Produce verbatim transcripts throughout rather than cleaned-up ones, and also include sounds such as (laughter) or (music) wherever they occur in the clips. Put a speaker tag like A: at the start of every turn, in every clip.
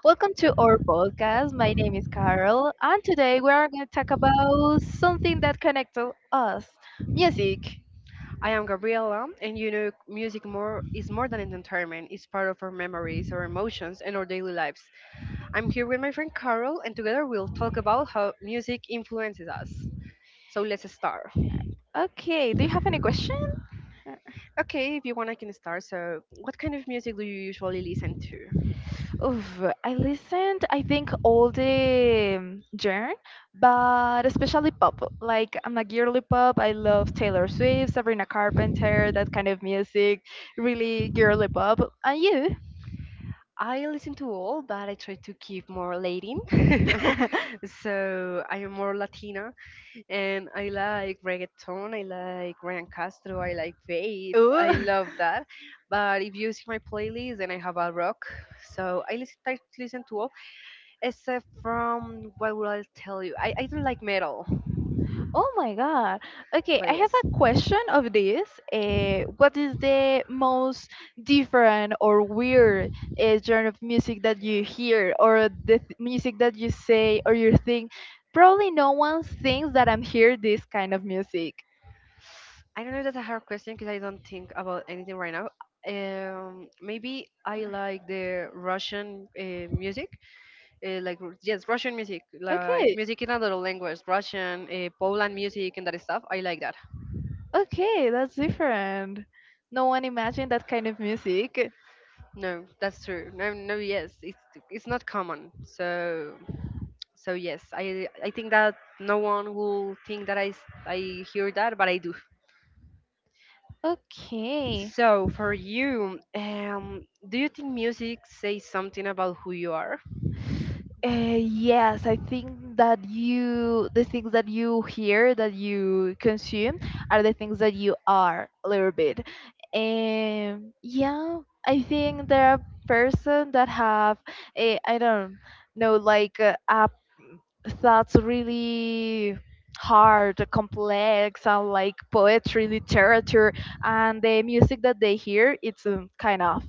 A: Welcome to our podcast. My name is Carol, and today we are going to talk about something that connects us music.
B: I am Gabriela, and you know, music more is more than entertainment. It's part of our memories, our emotions, and our daily lives. I'm here with my friend Carol, and together we'll talk about how music influences us. So let's start.
A: Okay, do you have any question?
B: Okay, if you want, I can start. So, what kind of music do you usually listen to?
A: Oof, I listened, I think, all the um, genre, but especially pop. Like, I'm a girly pop. I love Taylor Swift, Sabrina Carpenter, that kind of music. Really girly pop. And you?
B: I listen to all, but I try to keep more Latin. (laughs)
A: (laughs)
B: So I am more Latina, and I like reggaeton, I like Ryan Castro, I like Faith,
A: Ooh.
B: I love that. But if you see my playlist, then I have a rock, so I listen, I listen to all, except from what will I tell you? I, I don't like metal,
A: Oh my God. Okay, I
B: but yes.
A: have a question of this. Uh, what is the most different or weird uh, genre of music that you hear, or the th- music that you say, or you think? Probably no one thinks that I'm hear this kind of music.
B: I don't know if that's a hard question because I don't think about anything right now. Um, maybe I like the Russian uh, music. Uh, like r- yes, Russian music, like
A: Okay,
B: music in another language, Russian, uh, Poland music, and that stuff, I like that.
A: okay, that's different. No one imagined that kind of music.
B: No, that's true. No, no, yes, it's it's not common. So so yes, i i think that no one will think that i s- I hear that, but I do.
A: Okay.
B: So for you, um do you think music says something about who you are?
A: Uh, yes, I think that you, the things that you hear, that you consume, are the things that you are a little bit. And yeah, I think there are person that have, a, I don't know, like uh, uh, thoughts really hard, complex, and like poetry, literature, and the music that they hear, it's um, kind of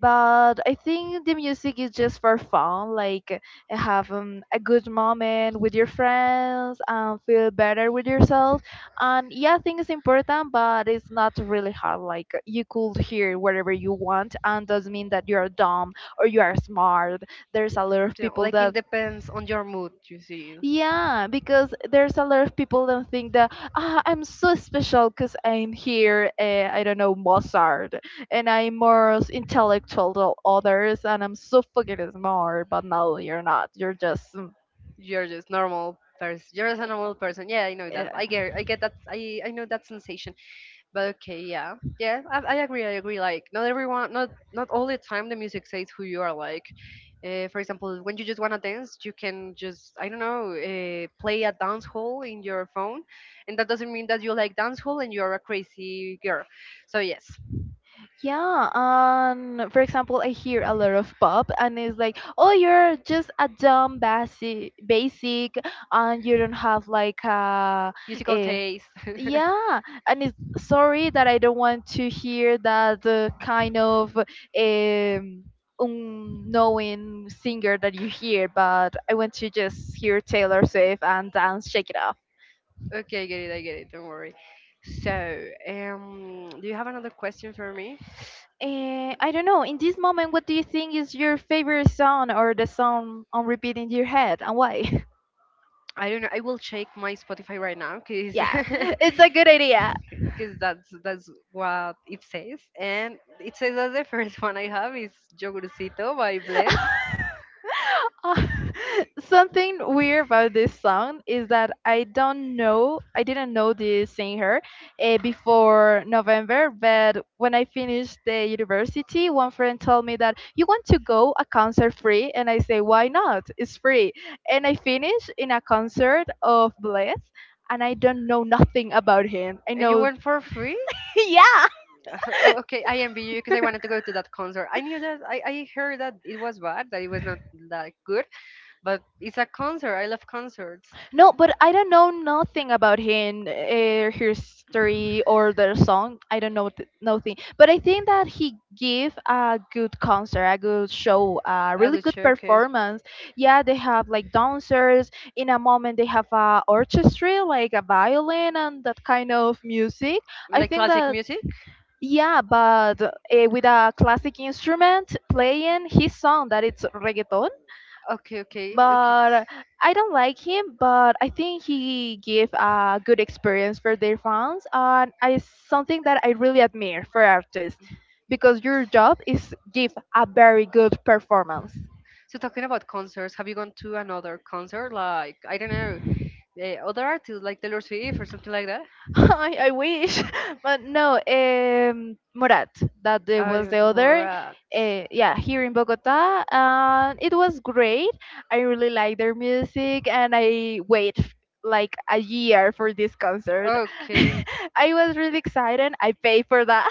A: but I think the music is just for fun, like have um, a good moment with your friends and feel better with yourself. And yeah, I think it's important, but it's not really hard. Like you could hear whatever you want, and doesn't mean that you are dumb or you are smart. There's a lot of
B: You know,
A: people
B: like it
A: that.
B: depends on your mood, you see.
A: Yeah, because there's a lot of people that think that ah, I'm so special because I'm here. Uh, I don't know Mozart, and I'm more intellectual than others, and I'm so fucking smart. But no, you're not. You're just mm,
B: You're just normal person. You're just a normal person. Yeah, I know that.
A: yeah.
B: I get, I get that. I, I know that sensation. But okay, yeah, yeah, I, I agree. I agree. Like, not everyone, not not all the time, the music says who you are. Like, uh, for example, when you just wanna dance, you can just, I don't know, uh, play a dance hall in your phone, and that doesn't mean that you like dance hall and you're a crazy girl. So yes,
A: Yeah, and for example, I hear a lot of pop, and it's like, oh, you're just a dumb basic, basic, and you don't have like a,
B: musical
A: a
B: taste. (laughs)
A: yeah, and it's sorry that I don't want to hear that uh, kind of um, unknowing singer that you hear, but I want to just hear Taylor Swift and dance, shake it off.
B: Okay, I get it. I get it. Don't worry. So, um, do you have another question for me?
A: Eh, I don't know. In this moment, what do you think is your favorite song or the song on repeat in your head, and why?
B: I don't know. I will check my Spotify right now
A: (laughs)
B: because
A: Yeah, (laughs) it's a good idea.
B: because (laughs) that's that's what it says, and it says that the first one I have is Yogurcito by Bless,
A: Uh, (laughs) something weird about this song is that I don't know, I didn't know the singer uh, before November, but when I finished the university, one friend told me that you want to go a concert free, and I say why not? It's free, and I finished in a concert of Bless, and I don't know nothing about him. I
B: and you
A: know.
B: went for free.
A: (laughs) Yeah.
B: (laughs) Oh, okay, I envy you because I wanted to go to that concert. I knew that I, I heard that it was bad, that it was not that good, but it's a concert. I love concerts.
A: No, but I don't know nothing about him, uh, history or their song. I don't know th- nothing. But I think that he give a good concert, a good show, a
B: I
A: really
B: would.
A: good
B: Okay.
A: performance. Yeah, they have like dancers. In a moment, they have a orchestra, like a violin and that kind of music. I
B: Like
A: think
B: classic
A: that
B: music?
A: yeah, but uh, with a classic instrument playing his song that it's reggaeton
B: Okay, okay, okay.
A: but I don't like him. But I think he gave a good experience for their fans, and it's something that I really admire for artists because your job is give a very good performance.
B: So talking about concerts, have you gone to another concert? Like I don't know, the other artists like Taylor Swift or something like that.
A: (laughs) I, I wish, (laughs) but no. Um, Morat, that the-
B: Oh, you
A: was the
B: went to
A: other.
B: Borat.
A: Uh, yeah, here in Bogota, and it was great. I really like their music, and I wait f- like a year for this concert. (laughs)
B: Okay,
A: I was really excited. I paid for that,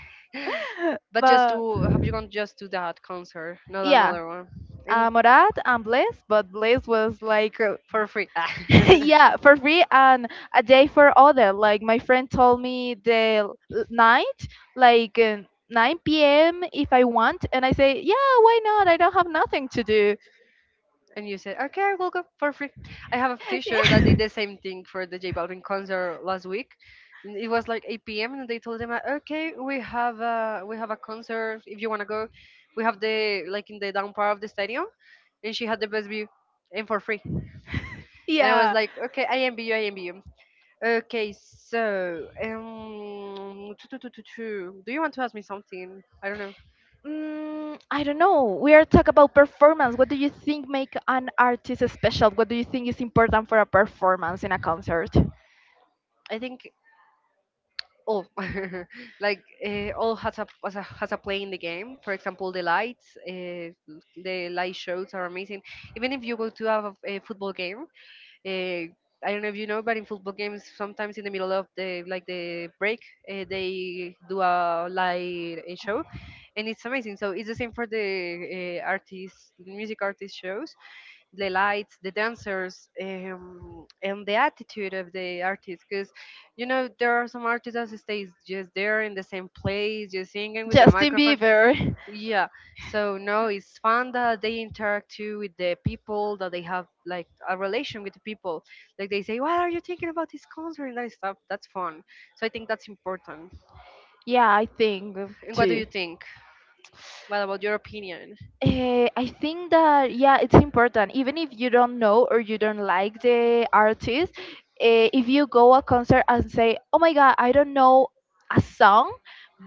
B: (gasps) (laughs)
A: (laughs)
B: but just
A: but
B: to have you gone just to that concert, not
A: yeah.
B: another one, and
A: Uh, Morat and Blaze, but Blaze was like uh,
B: for free. (laughs)
A: (laughs) yeah, for free and a day for other. Like my friend told me the l- night, like uh, nine p m if I want, and I say, yeah, why not? I don't have nothing to do.
B: And you said, okay, we'll go for free. I have a t-shirt that did the
A: (laughs)
B: same thing for the J Balvin concert last week. N- It was like eight p m and they told them, uh, okay, we have a, we have a concert. If you want to go, we have the, like in the down part of the stadium. And she had the best view and for free. And I was
A: Yeah.
B: like, okay, I envy you, I envy you. Okay, so, um, (tsk) do you want to ask me something? I don't know.
A: Mm, I don't know. We are talking about performance. What do you think make an artist special? What do you think is important for a performance in a concert?
B: I think all (laughs) like uh, all has a, has a has a play in the game. For example, the lights, uh, the light shows are amazing, even if you go to have a, a football game. uh, I don't know if you know, but in football games sometimes in the middle of the like the break, uh, they do a light uh, show, and it's amazing. So it's the same for the uh, artist, music artist shows: the lights, the dancers, um, and the attitude of the artist. Because you know there are some artists that stays just there in the same place, just singing with the
A: Justin
B: microphone.
A: Bieber.
B: Yeah, so no, it's fun that they interact too with the people, that they have like a relation with the people. Like they say, "What are you thinking about this concert?" and that stuff. That's fun. So I think that's important.
A: Yeah, I think
B: And what do
A: too.
B: you think? What about your opinion?
A: Eh, I think that yeah, it's important. Even if you don't know or you don't like the artist, eh, if you go a concert and say, "Oh my God, I don't know a song,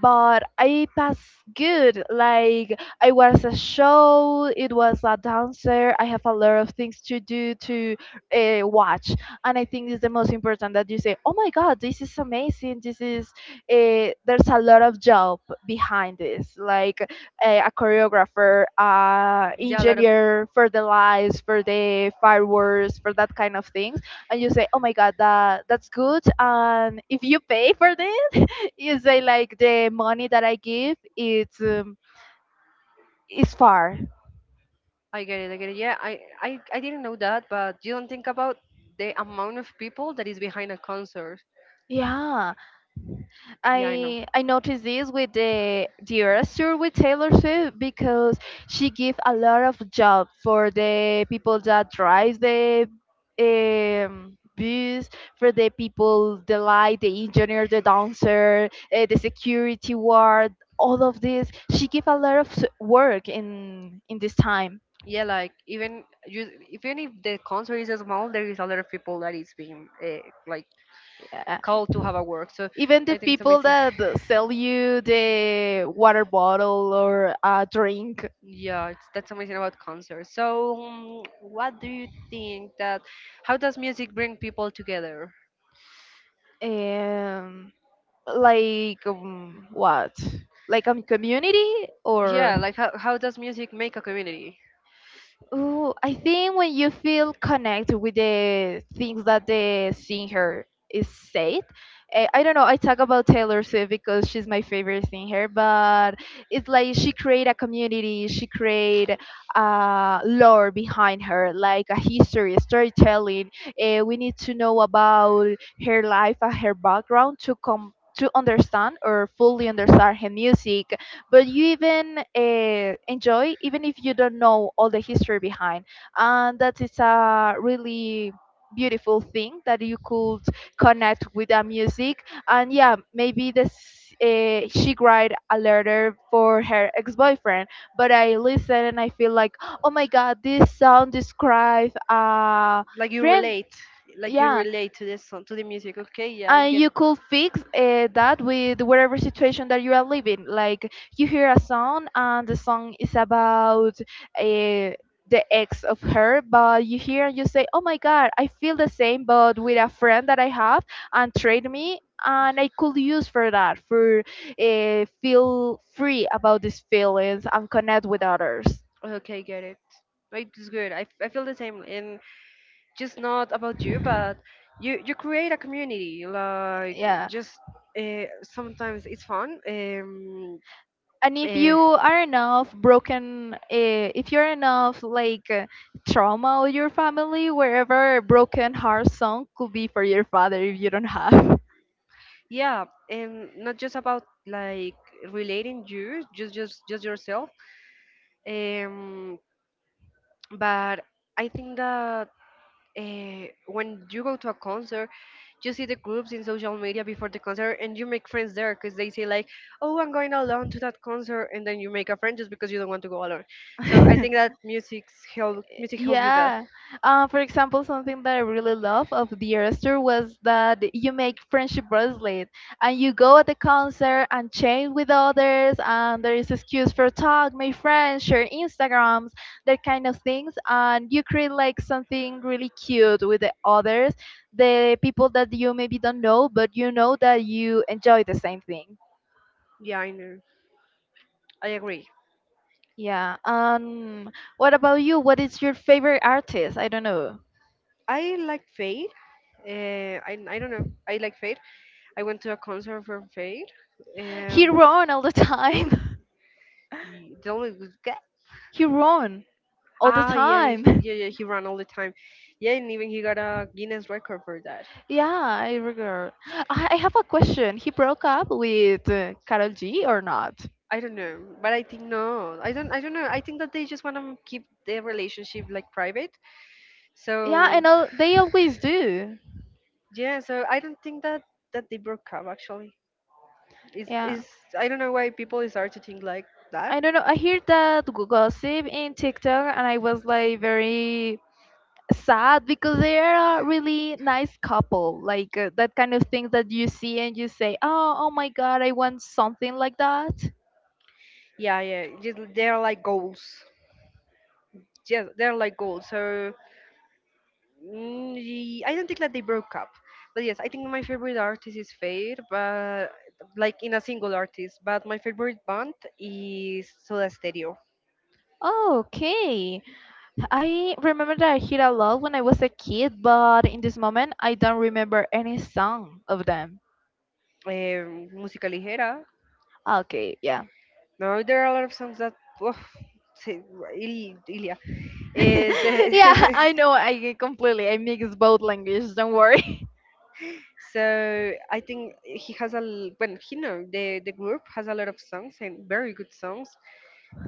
A: but I pass good. Like I was a show, it was a dancer. I have a lot of things to do to uh, watch, and I think it's the most important that you say, "Oh my God, this is amazing. This is uh, there's a lot of job behind this. Like a, a choreographer, uh,
B: Yeah, a lot of.
A: engineer for the lights, for the fireworks, for that kind of things, and you say, "Oh my God, that that's good." And if you pay for this, (laughs) you say like the money that I give, it's um, is far.
B: I get it. I get it. Yeah, I, I, I didn't know that, but you don't think about the amount of people that is behind a concert.
A: Yeah.
B: Yeah, I know.
A: I I noticed this with the the Eras tour with Taylor Swift because she give a lot of job for the people that drive the um, bus, for the people, the light, the engineer, the dancer, uh, the security guard, all of this. She give a lot of s- work in in this time.
B: Yeah, like even you, even if the concert is small, there is a lot of people that is being uh, like
A: Yeah.
B: called to have a work. So
A: Even the
B: I think it's
A: people
B: amazing.
A: that sell you the water bottle or a drink.
B: Yeah, it's, that's amazing about concerts. So, mm, what do you think that how does music bring people together?
A: Um, Like um, what? Like a community
B: Yeah,
A: or?
B: like how, how does music make a community?
A: Oh, I think when you feel connected with the things that the singer is said, eh, I don't know. I talk about Taylor Swift because she's my favorite singer, but it's like she create a community, she create a lore behind her, like a history, storytelling. Uh, we need to know about her life and her background to come to understand or fully understand her music but you even uh, enjoy even if you don't know all the history behind and that is a really beautiful thing that you could connect with the music and yeah maybe this uh, she write a letter for her ex-boyfriend but I listen and I feel like oh my god this song describes a
B: Like you
A: friend
B: relate, like you
A: yeah
B: relate to this song, to the music. Okay, yeah, I
A: and
B: get.
A: you could fix uh, that with whatever situation that you are living like you hear a song and the song is about uh, the ex of her but you hear and you say oh my god I feel the same but with a friend that I have and trade me and I could use for that for uh, feel free about these feelings and connect with others.
B: Okay, get it. Like, it's good. I, f- I feel the same, and just not about you, but you you create a community. Like
A: Yeah.
B: just uh, sometimes it's fun. Um,
A: And if you
B: Eh,
A: are enough broken uh, if you're enough like uh, trauma or your family wherever broken heart song could be for your father if you don't have
B: yeah, and not just about like relating you, just just just yourself, um but I think that uh, when you go to a concert, you see the groups in social media before the concert and you make friends there, because they say like, oh, I'm going alone to that concert, and then you make a friend just because you don't want to go alone. So I think
A: (laughs)
B: that music's help music help with that.
A: yeah. Uh, for example, something that I really love of the Esther was that you make friendship bracelet and you go at the concert and chat with others and there is excuse for talk, make friends, share Instagrams, that kind of things. And you create like something really cute with the others, the people that you maybe don't know, but you know that you enjoy the same thing.
B: Yeah, I know. I agree.
A: Yeah. Um, what about you? What is your favorite artist? I don't know.
B: I like fade Uh, I I don't know. I like Fade. I went to a concert from Fade.
A: He
B: Um,
A: run all the time. (laughs)
B: y- the only guy.
A: He run all the
B: Ah, yeah, he-
A: time.
B: yeah, yeah. He ran all the time. Yeah, and even he got a Guinness record for that.
A: (laughs) Yeah, I regret. I, I have a question. He broke up with uh, Karol G or not?
B: I don't know, but I think no. I don't. I don't know. I think that they just want to keep their relationship like private.
A: Yeah,
B: So
A: and al- they always do.
B: yeah. So I don't think that that they broke up actually. It's
A: Yeah.
B: is. I don't know why people start to think like that.
A: I don't know. I hear that gossip in TikTok, and I was like very sad because they are a really nice couple. Like uh, that kind of thing that you see and you say, "Oh, oh my God, I want something like that."
B: Yeah, yeah. Just they're like goals. Yeah, they're like goals. So mm, ye- I don't think that they broke up, but yes, I think my favorite artist is Fade, but like in a single artist. But my favorite band is Soda Stereo,
A: Oh, okay. I remember that I hear a lot when I was a kid, but in this moment I don't remember any song of them.
B: um, Música Ligera.
A: Ah, okay, yeah.
B: Now there are a lot of songs that, oh, Ilya.
A: (laughs)
B: Eh, the-
A: Yeah, I know
B: (laughs)
A: I completely I mix both languages, don't worry. (laughs)
B: so I think he has a l- well, he know, the the group has a lot of songs and very good songs.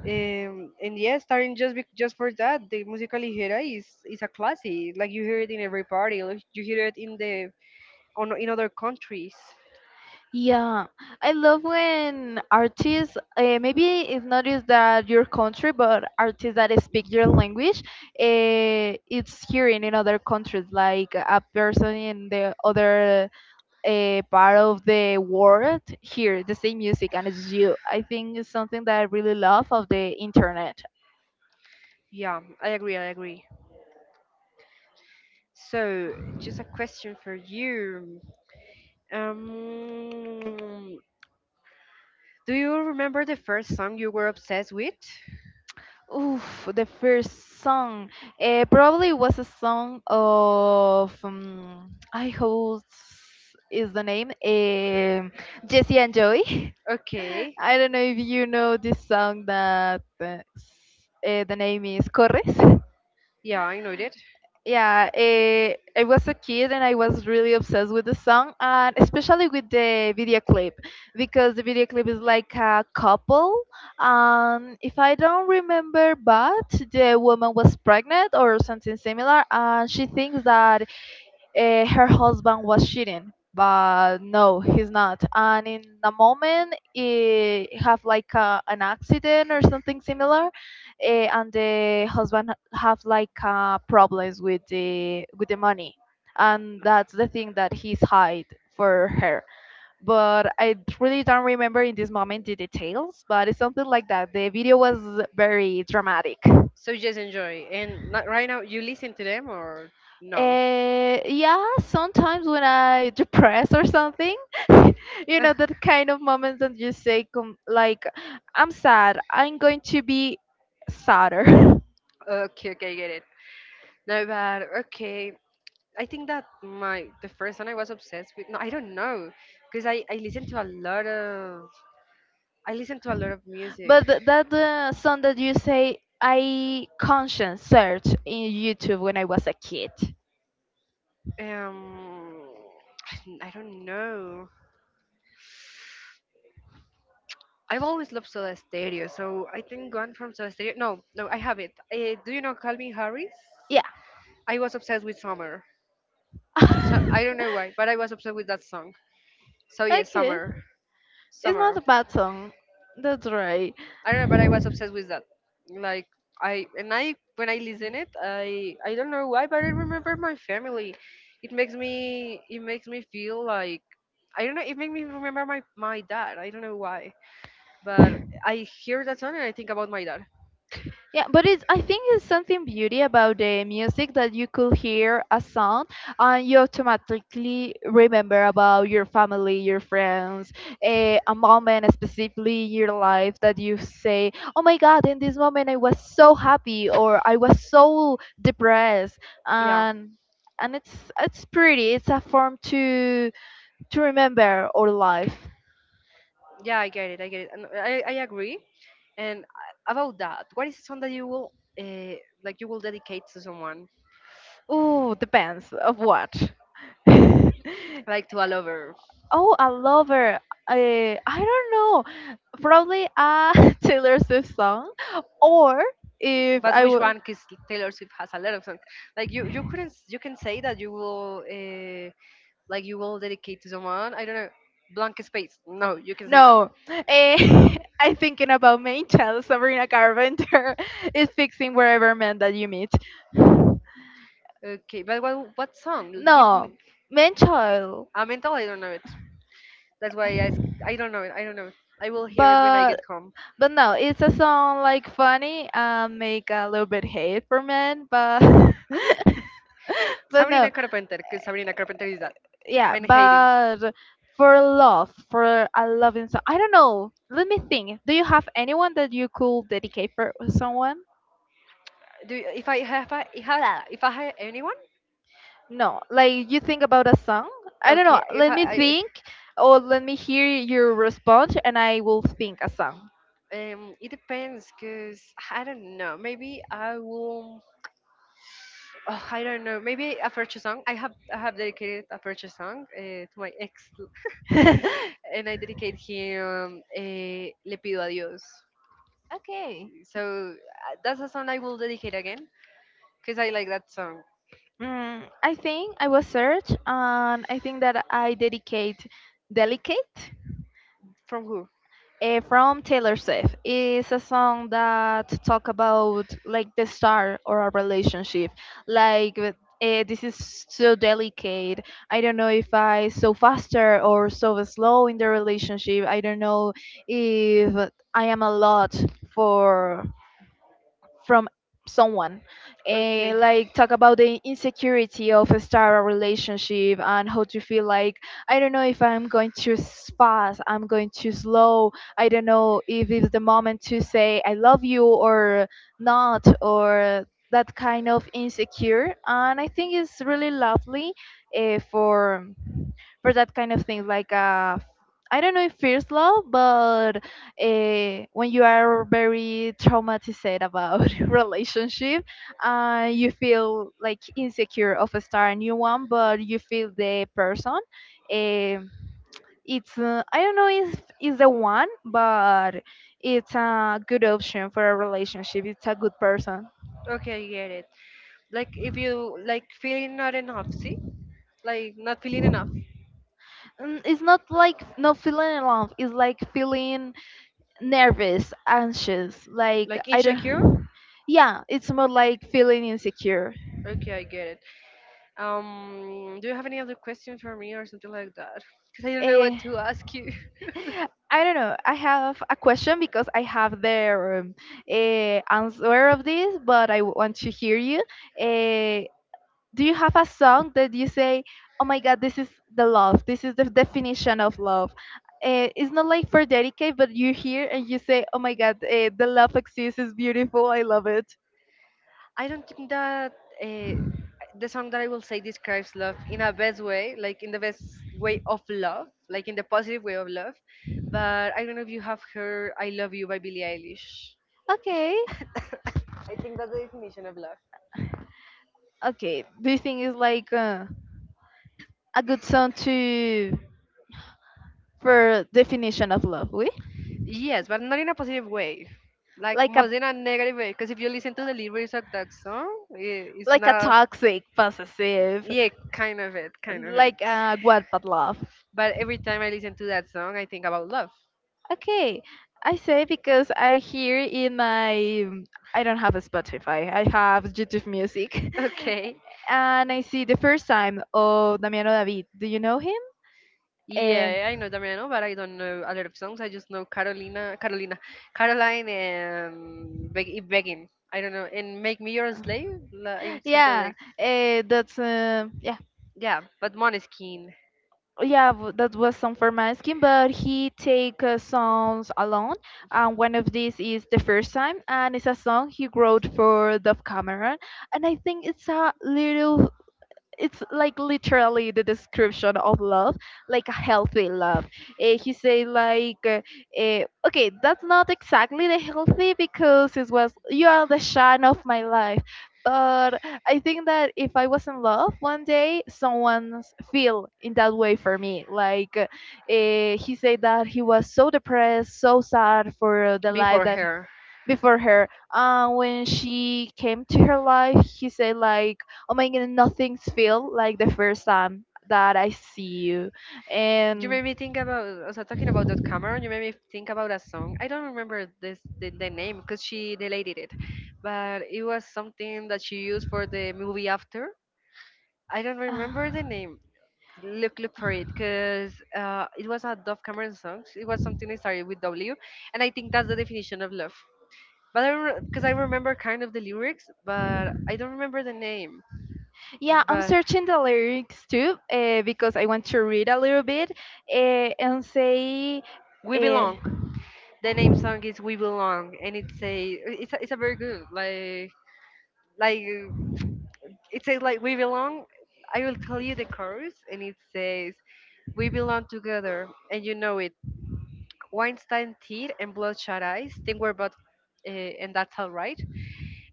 B: Um, and yeah, starting just bec just for that, the música ligera is is a classic. Like you hear it in every party, like you hear it in the on in other countries.
A: Yeah, I love when artists, uh, maybe it's not just that your country, but artists that speak your language, uh, it's hearing in other countries, like a person in the other a part of the world hear the same music and it's you. I think it's something that I really love of the internet.
B: Yeah, I agree. I agree. So, just a question for you. Um, do you remember the first song you were obsessed with?
A: Oof, the first song. Uh, probably was a song of um, I hope s- is the name um Jesse and Joey.
B: Okay.
A: (laughs) I don't know if you know this song that uh, s- eh, the name is Corres.
B: Yeah, I know that.
A: Yeah, eh, I was a kid and I was really obsessed with the song, and especially with the video clip, because the video clip is like a couple. Um, if I don't remember, but the woman was pregnant or something similar, and she thinks that uh, her husband was cheating, but no, he's not, and in the moment he have like a, an accident or something similar. Uh, and the husband have like uh, problems with the with the money, and that's the thing that he's hide for her. But I really don't remember in this moment the details, but it's something like that. The video was very dramatic.
B: So just enjoy. And not, right now, you listen to them or no?
A: Uh, yeah, sometimes when I depressed or something, (laughs) you know, that kind of
B: (laughs)
A: moments that you say, com like, I'm sad, I'm going to be sadder. (laughs)
B: Okay, okay, get it. No, but okay. I think that my the first one I was obsessed with. No, I don't know, because I I listen to a lot of I listen to a lot of music.
A: But th- that uh, song that you say, I conscience search in YouTube when I was a kid.
B: Um, (sighs) I don't know. I've always loved Soda Stereo, so I think gone from Soda Stereo. No, no, I have it. Uh, do you know Calvin Harris?
A: Yeah.
B: I was obsessed with Summer. So I don't
A: (laughs)
B: know why, but I was obsessed with that song. So yeah,
A: Okay.
B: Summer,
A: It's not a
B: Summer.
A: bad song. That's right.
B: I don't know, but I was obsessed with that. Like I and I when I listen it, I I don't know why, but I remember my family. It makes me it makes me feel like I don't know. It makes me remember my my dad. I don't know why, but I hear that song and I think about my dad.
A: Yeah, but it's, I think it's something beauty about the music, that you could hear a song and you automatically remember about your family, your friends, a, a moment specifically in your life that you say, "Oh my God, in this moment I was so happy or I was so depressed,"
B: Yeah,
A: and and it's it's pretty. It's a form to to remember our life.
B: yeah, I get it. I get it. And I I agree. And uh, about that, what is the song that you will uh, like you will dedicate to someone?
A: Ooh, depends of what. (laughs)
B: Like to all over.
A: Oh, a lover. Her. I, I don't know. Probably a (laughs) Taylor Swift song, or if
B: But
A: I
B: which
A: would,
B: one? Because Taylor Swift has a lot of songs. Like you, you couldn't, s- you can say that you will, uh, like you will dedicate to someone. I don't know, blank space. No, you can say that.
A: no. Eh, (laughs) I'm thinking about main child Sabrina Carpenter. (laughs) Is fixing wherever man that you meet. (sighs)
B: Okay, but what, what song? L- Give
A: No,
B: me
A: main child.
B: a mental. I don't know it. That's why I, ask- I don't know it. I don't know it. I will hear it when I get
A: but
B: home.
A: but no, it's a song like funny and make a little bit hate for men, but (laughs) but no,
B: Sabrina Carpenter, because Sabrina Carpenter is that.
A: yeah,
B: Men hating.
A: but for love, for a loving song, I don't know. Let me think. Do you have anyone that you could dedicate for someone?
B: Do you, if I have, I, if I if I have anyone?
A: No, like you think about a song. I don't know.
B: Okay, if
A: Let
B: I,
A: me
B: I
A: think, or let me hear your response, and I will think a song.
B: Um, it depends, cause I don't know. Maybe I will. Oh, I don't know. Maybe a future song. I have I have dedicated a future song uh, to my ex,
A: (laughs)
B: (laughs) and I dedicate him uh, "Le pido a Dios."
A: Okay.
B: So uh, that's a song I will dedicate again, cause I like that song.
A: Mm, I think I will search, and I think that I dedicate delicate.
B: From who?
A: Uh, from Taylor Swift. It's a song that talk about like the start or a relationship. Like uh, this is so delicate. I don't know if I so faster or so slow in the relationship. I don't know if I am a lot for from someone,
B: Okay.
A: and like talk about the insecurity of a star relationship and how to feel like, I don't know if I'm going too fast, I'm going too slow, I don't know if it's the moment to say I love you or not, or that kind of insecure, and I think it's really lovely uh, for for that kind of thing. Like a, I don't know if first love, but uh, when you are very traumatized about (laughs) relationship, uh, you feel like insecure of a start a new one, but you feel the person. Um it's, uh, I don't know if it's the one, but it's a good option for a relationship. It's a good person.
B: Okay, I get it. Like if you like feeling not enough, see? Like not feeling enough.
A: Mm, it's not like not feeling in love. It's like feeling nervous, anxious. Like
B: Like
A: I
B: insecure?
A: don't. Yeah, it's more like feeling insecure.
B: Okay, I get it. Um, do you have any other question for me or something like that? Because I don't know what
A: Eh,
B: to ask you.
A: (laughs) I don't know. I have a question because I have the um, eh, answer of this, but I want to hear you. Eh, do you have a song that you say, "Oh my God, this is the love. This is the definition of love." Uh, it's not like for dedicate, but you hear and you say, "Oh my God, uh, the love exists. Is beautiful. I love it."
B: (laughs) I don't think that uh, the song that I will say describes love in a best way, like in the best way of love, like in the positive way of love. But I don't know if you have heard "I Love You" by Billie Eilish.
A: Okay.
B: I think that's the definition of love.
A: Okay, do you think it's like uh, a good song to for definition of love? We,
B: Yes, but not in a positive way. Like
A: like
B: more
A: a,
B: in a negative way, because if you listen to the lyrics of that song, i- it's
A: like a
B: not.
A: toxic, possessive,
B: Yeah, kind of it, kind of it.
A: like a what but love.
B: But every time I listen to that song, I think about love. (laughs)
A: Okay, I say because I hear in my, I don't have a Spotify. I have YouTube Music,
B: Okay.
A: (laughs) and I see the first time of Damiano David. Do you know him? Eh,
B: Yeah, I know Damiano, but I don't know a lot of songs. I just know Carolina, Carolina, Caroline, and Beg- Begin. I don't know. And Make Me Your Slave la- in something
A: yeah,
B: like,
A: uh, that's uh, yeah.
B: yeah, but Måneskin.
A: Yeah, w- that was some for masking, but he take uh, songs alone, and one of these is the first time, and it's a song he wrote for Dove Cameron, and I think it's a little, it's like literally the description of love, like a healthy love. Eh, he say like, uh, eh, okay, that's not exactly the healthy because it was you are the shine of my life. But I think that if I was in love one day, someone feel in that way for me. Like uh, eh, he said that he was so depressed, so sad for the life
B: Before
A: that
B: her.
A: before her. Uh, when she came to her life, he said like, "Oh my God, nothing's feel like the first time that I see you,"
B: You
A: and.
B: made me think about also talking about that Cameron. You made me think about a song. I don't remember this the, the name because she deleted it, but it was something that she used for the movie After. I don't
A: (sighs) uh,
B: remember the name. Look, look for it because uh, it was a Dove Cameron song. It was something that started with W, and I think that's the definition of love. But I, because I remember kind of the lyrics, but I don't remember the name.
A: Yeah, I'm
B: But
A: searching the lyrics too uh, because I want to read a little bit uh, and say,
B: we belong. The name song is "We Belong," and it's a it's a, it's a very good, like like it says like we belong. I will tell you the chorus, and it says we belong together and you know it, weinstein teeth and bloodshot eyes, think we're both uh, and that's all right,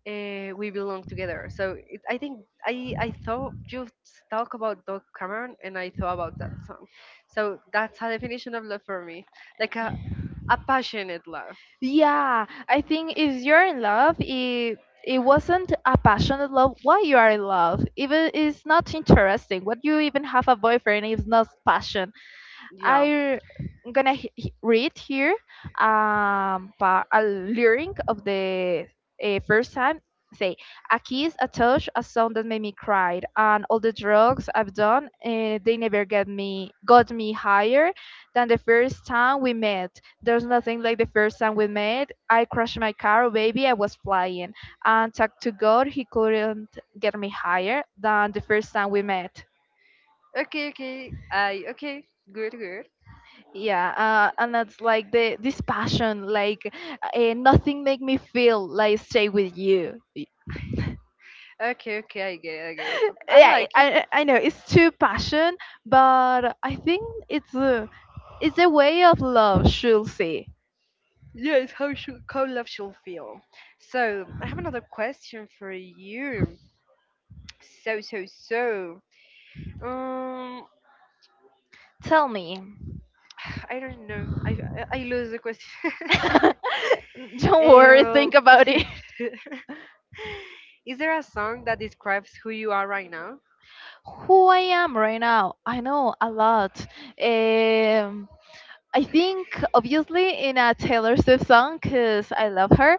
B: uh, we belong together. So it, I think i i thought you talk about Doug Cameron, and I thought about that song. So that's a definition of love for me, like a, a
A: uh,
B: passionate love.
A: yeah, I think if you're in love, it it wasn't a passionate love. Why you are in love? Even it's not interesting. What you even have a boyfriend is not passion.
B: Yeah.
A: I'm gonna he- he- read here um, pa- a lyric of the uh, first time. Say, a kiss, a touch, a song that made me cry, and all the drugs I've done, uh, they never get me got me higher than the first time we met. There's nothing like the first time we met. I crashed my car, baby, I was flying, and talk to God, he couldn't get me higher than the first time we met.
B: Okay okay i okay Good, good.
A: Yeah, uh, and that's like the this passion, like uh, nothing make me feel like stay with you. Y-
B: Okay, okay, I get it, I get it. I
A: yeah, i
B: like it.
A: i I know it's too passion, but I think it's a, it's a way of love should see.
B: Yes, how should, how love should feel. So I have another question for you. So so so. Um,
A: Tell me.
B: (sighs) I don't know. I I I lose the question. (laughs)
A: (laughs) Don't worry,
B: Um,
A: think about it.
B: (laughs) is there a song that describes who you are right now?
A: (laughs) Who I am right now, I know a lot. um I think obviously in a Taylor Swift song because I love her,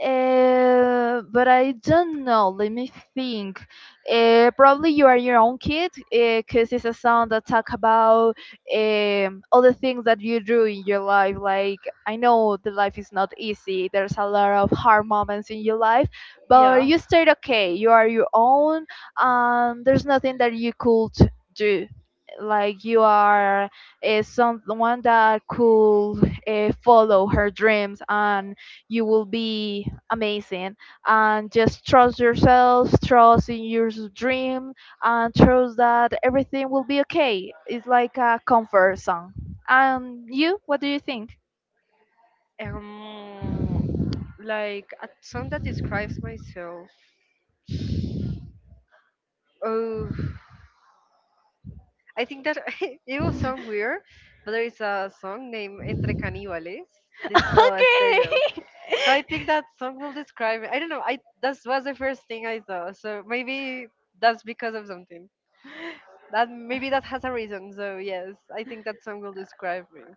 A: uh, but I don't know. Let me think. Uh, probably you are your own kid, because it's a song that talk about um, all the things that you do in your life. Like I know the life is not easy. There's a lot of hard moments in your life, but
B: Yeah.
A: you stayed okay. You are your own, and there's nothing that you could do. Like you are is someone that could uh, follow her dreams and you will be amazing, and just trust yourself, trust in your dream, and trust that everything will be okay. It's like a comfort song. And you, what do you think?
B: Um, like a song that describes myself. Oh, I think that (laughs) it will
A: (laughs)
B: sound weird, but there is a song named Entre Caníbales. This uh, (laughs) stereo.
A: Okay.
B: So I think that song will describe me. I don't know. I, that was the first thing I thought. So maybe that's because of something.
A: (laughs)
B: That maybe that has a reason. So yes, I think that song will describe me.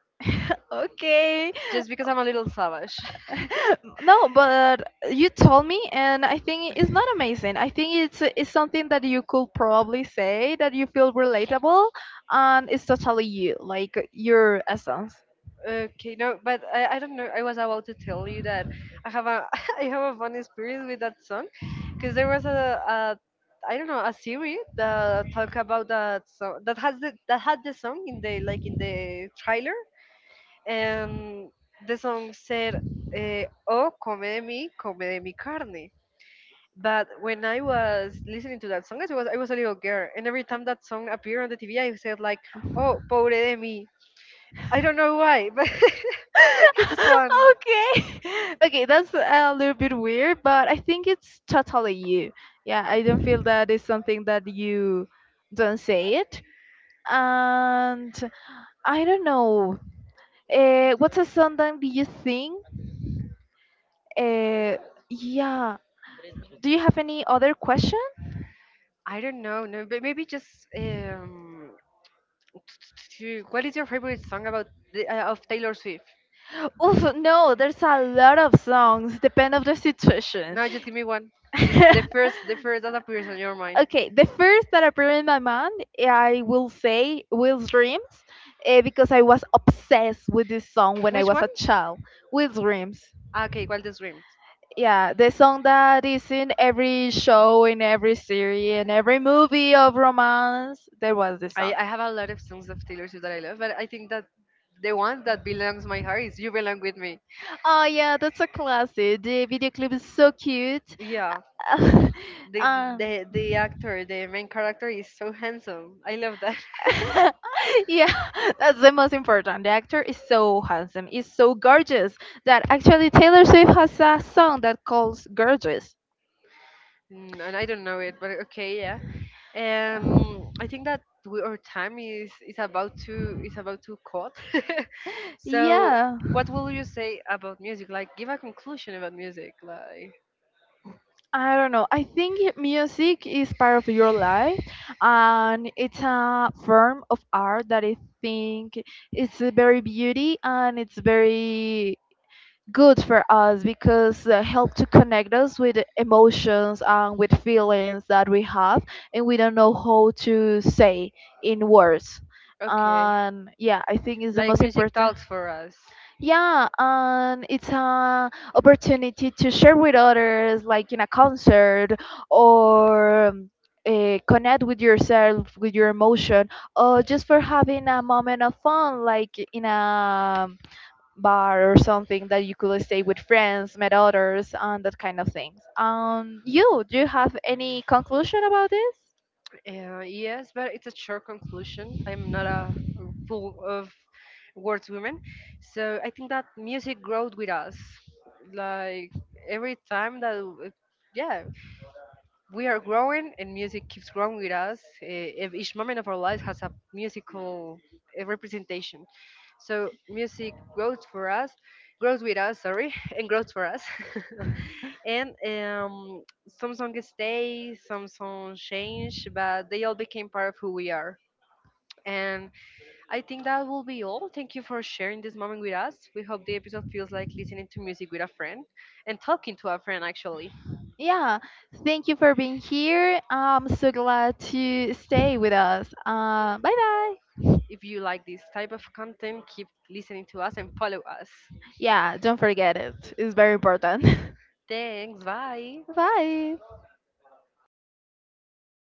A: Okay.
B: Just because I'm a little savage.
A: (laughs) No, but you told me, and I think it's not amazing. I think it's it's something that you could probably say that you feel relatable, and it's totally you, like your essence.
B: (laughs) Okay, no, but I, I don't know. I was about to tell you that I have a (laughs) I have a fun experience with that song, because there was a, a, I don't know, a series that talk about that song that has the, that had the song in the, like in the trailer, and the song said, uh, "Oh, come de mi, come de mi carne." But when I was listening to that song, I was I was a little girl, and every time that song appeared on the T V, I said like, "Oh, pobre de mi." I don't know why, but (laughs)
A: (laughs)
B: it's fun.
A: Okay, (laughs) okay, that's a little bit weird, but I think it's totally you. Yeah, I don't feel that it's something that you don't say it, and I don't know. Uh, what's a song that you think? Uh, yeah, do you have any other question?
B: I don't know, no, but maybe just um, (tsk) what is your favorite song about the, uh, of Taylor Swift?
A: Oof, no, there's a lot of songs, depend of the situation.
B: No, just give me one. Just
A: (laughs)
B: the first, the first that appears on your mind.
A: Okay, the first that appeared in my mind, I will say Will's Dreams, eh, because I was obsessed with this song when I
B: Which
A: was
B: one?
A: a child. Will's Dreams.
B: Ah, okay, Wildest Dream.
A: Yeah, the song that is in every show, in every series, in every movie of romance, there was this
B: I,
A: song.
B: I have a lot of songs of Taylor Swift that I love, but I think that the one that belongs my heart is "You Belong with Me."
A: Oh yeah, that's a classic. The video clip is so cute.
B: Yeah,
A: (laughs)
B: the
A: Um,
B: the the actor, the main character is so handsome. I love that.
A: (laughs) yeah, (laughs) that's the most important. The actor is so handsome, is so gorgeous, that actually Taylor Swift has a song that calls gorgeous.
B: (laughs) Mm, and I don't know it, but okay, yeah. um I think that we, our time is is about to is about to cut. (laughs) So
A: Yeah,
B: what will you say about music, like give a conclusion about music, like,
A: I don't know. I think music is part of your life, and it's a form of art that I think it's very beauty, and it's very good for us because uh, help to connect us with emotions and with feelings that we have and we don't know how to say in words.
B: okay,
A: And yeah, I think it's the
B: like
A: most
B: music
A: important.
B: talks for us.
A: Yeah, and it's an opportunity to share with others, like in a concert, or uh, connect with yourself with your emotion, or just for having a moment of fun, like in a bar or something that you could stay with friends, met others, and that kind of things. Um, you, do you have any conclusion about this?
B: Uh, yes, but it's a short conclusion. I'm not a full of words woman. So I think that music growed with us, like every time that w- yeah, we are growing, and music keeps growing with us. Eh, ev- each moment of our lives has a musical eh, representation. So music grows for us, grows with us, sorry, (laughs) and grows for us. (laughs) And um, some songs stay, some songs change, but they all became part of who we are. And I think that will be all. Thank you for sharing this moment with us. We hope the episode feels like listening to music with a friend, and talking to a friend actually.
A: Yeah, thank you for being here. I'm so glad to stay with us. Uh, bye bye.
B: If you like this type of content, keep listening to us and follow us.
A: Yeah, don't forget it. It's very important.
B: Thanks, bye.
A: (laughs) Bye.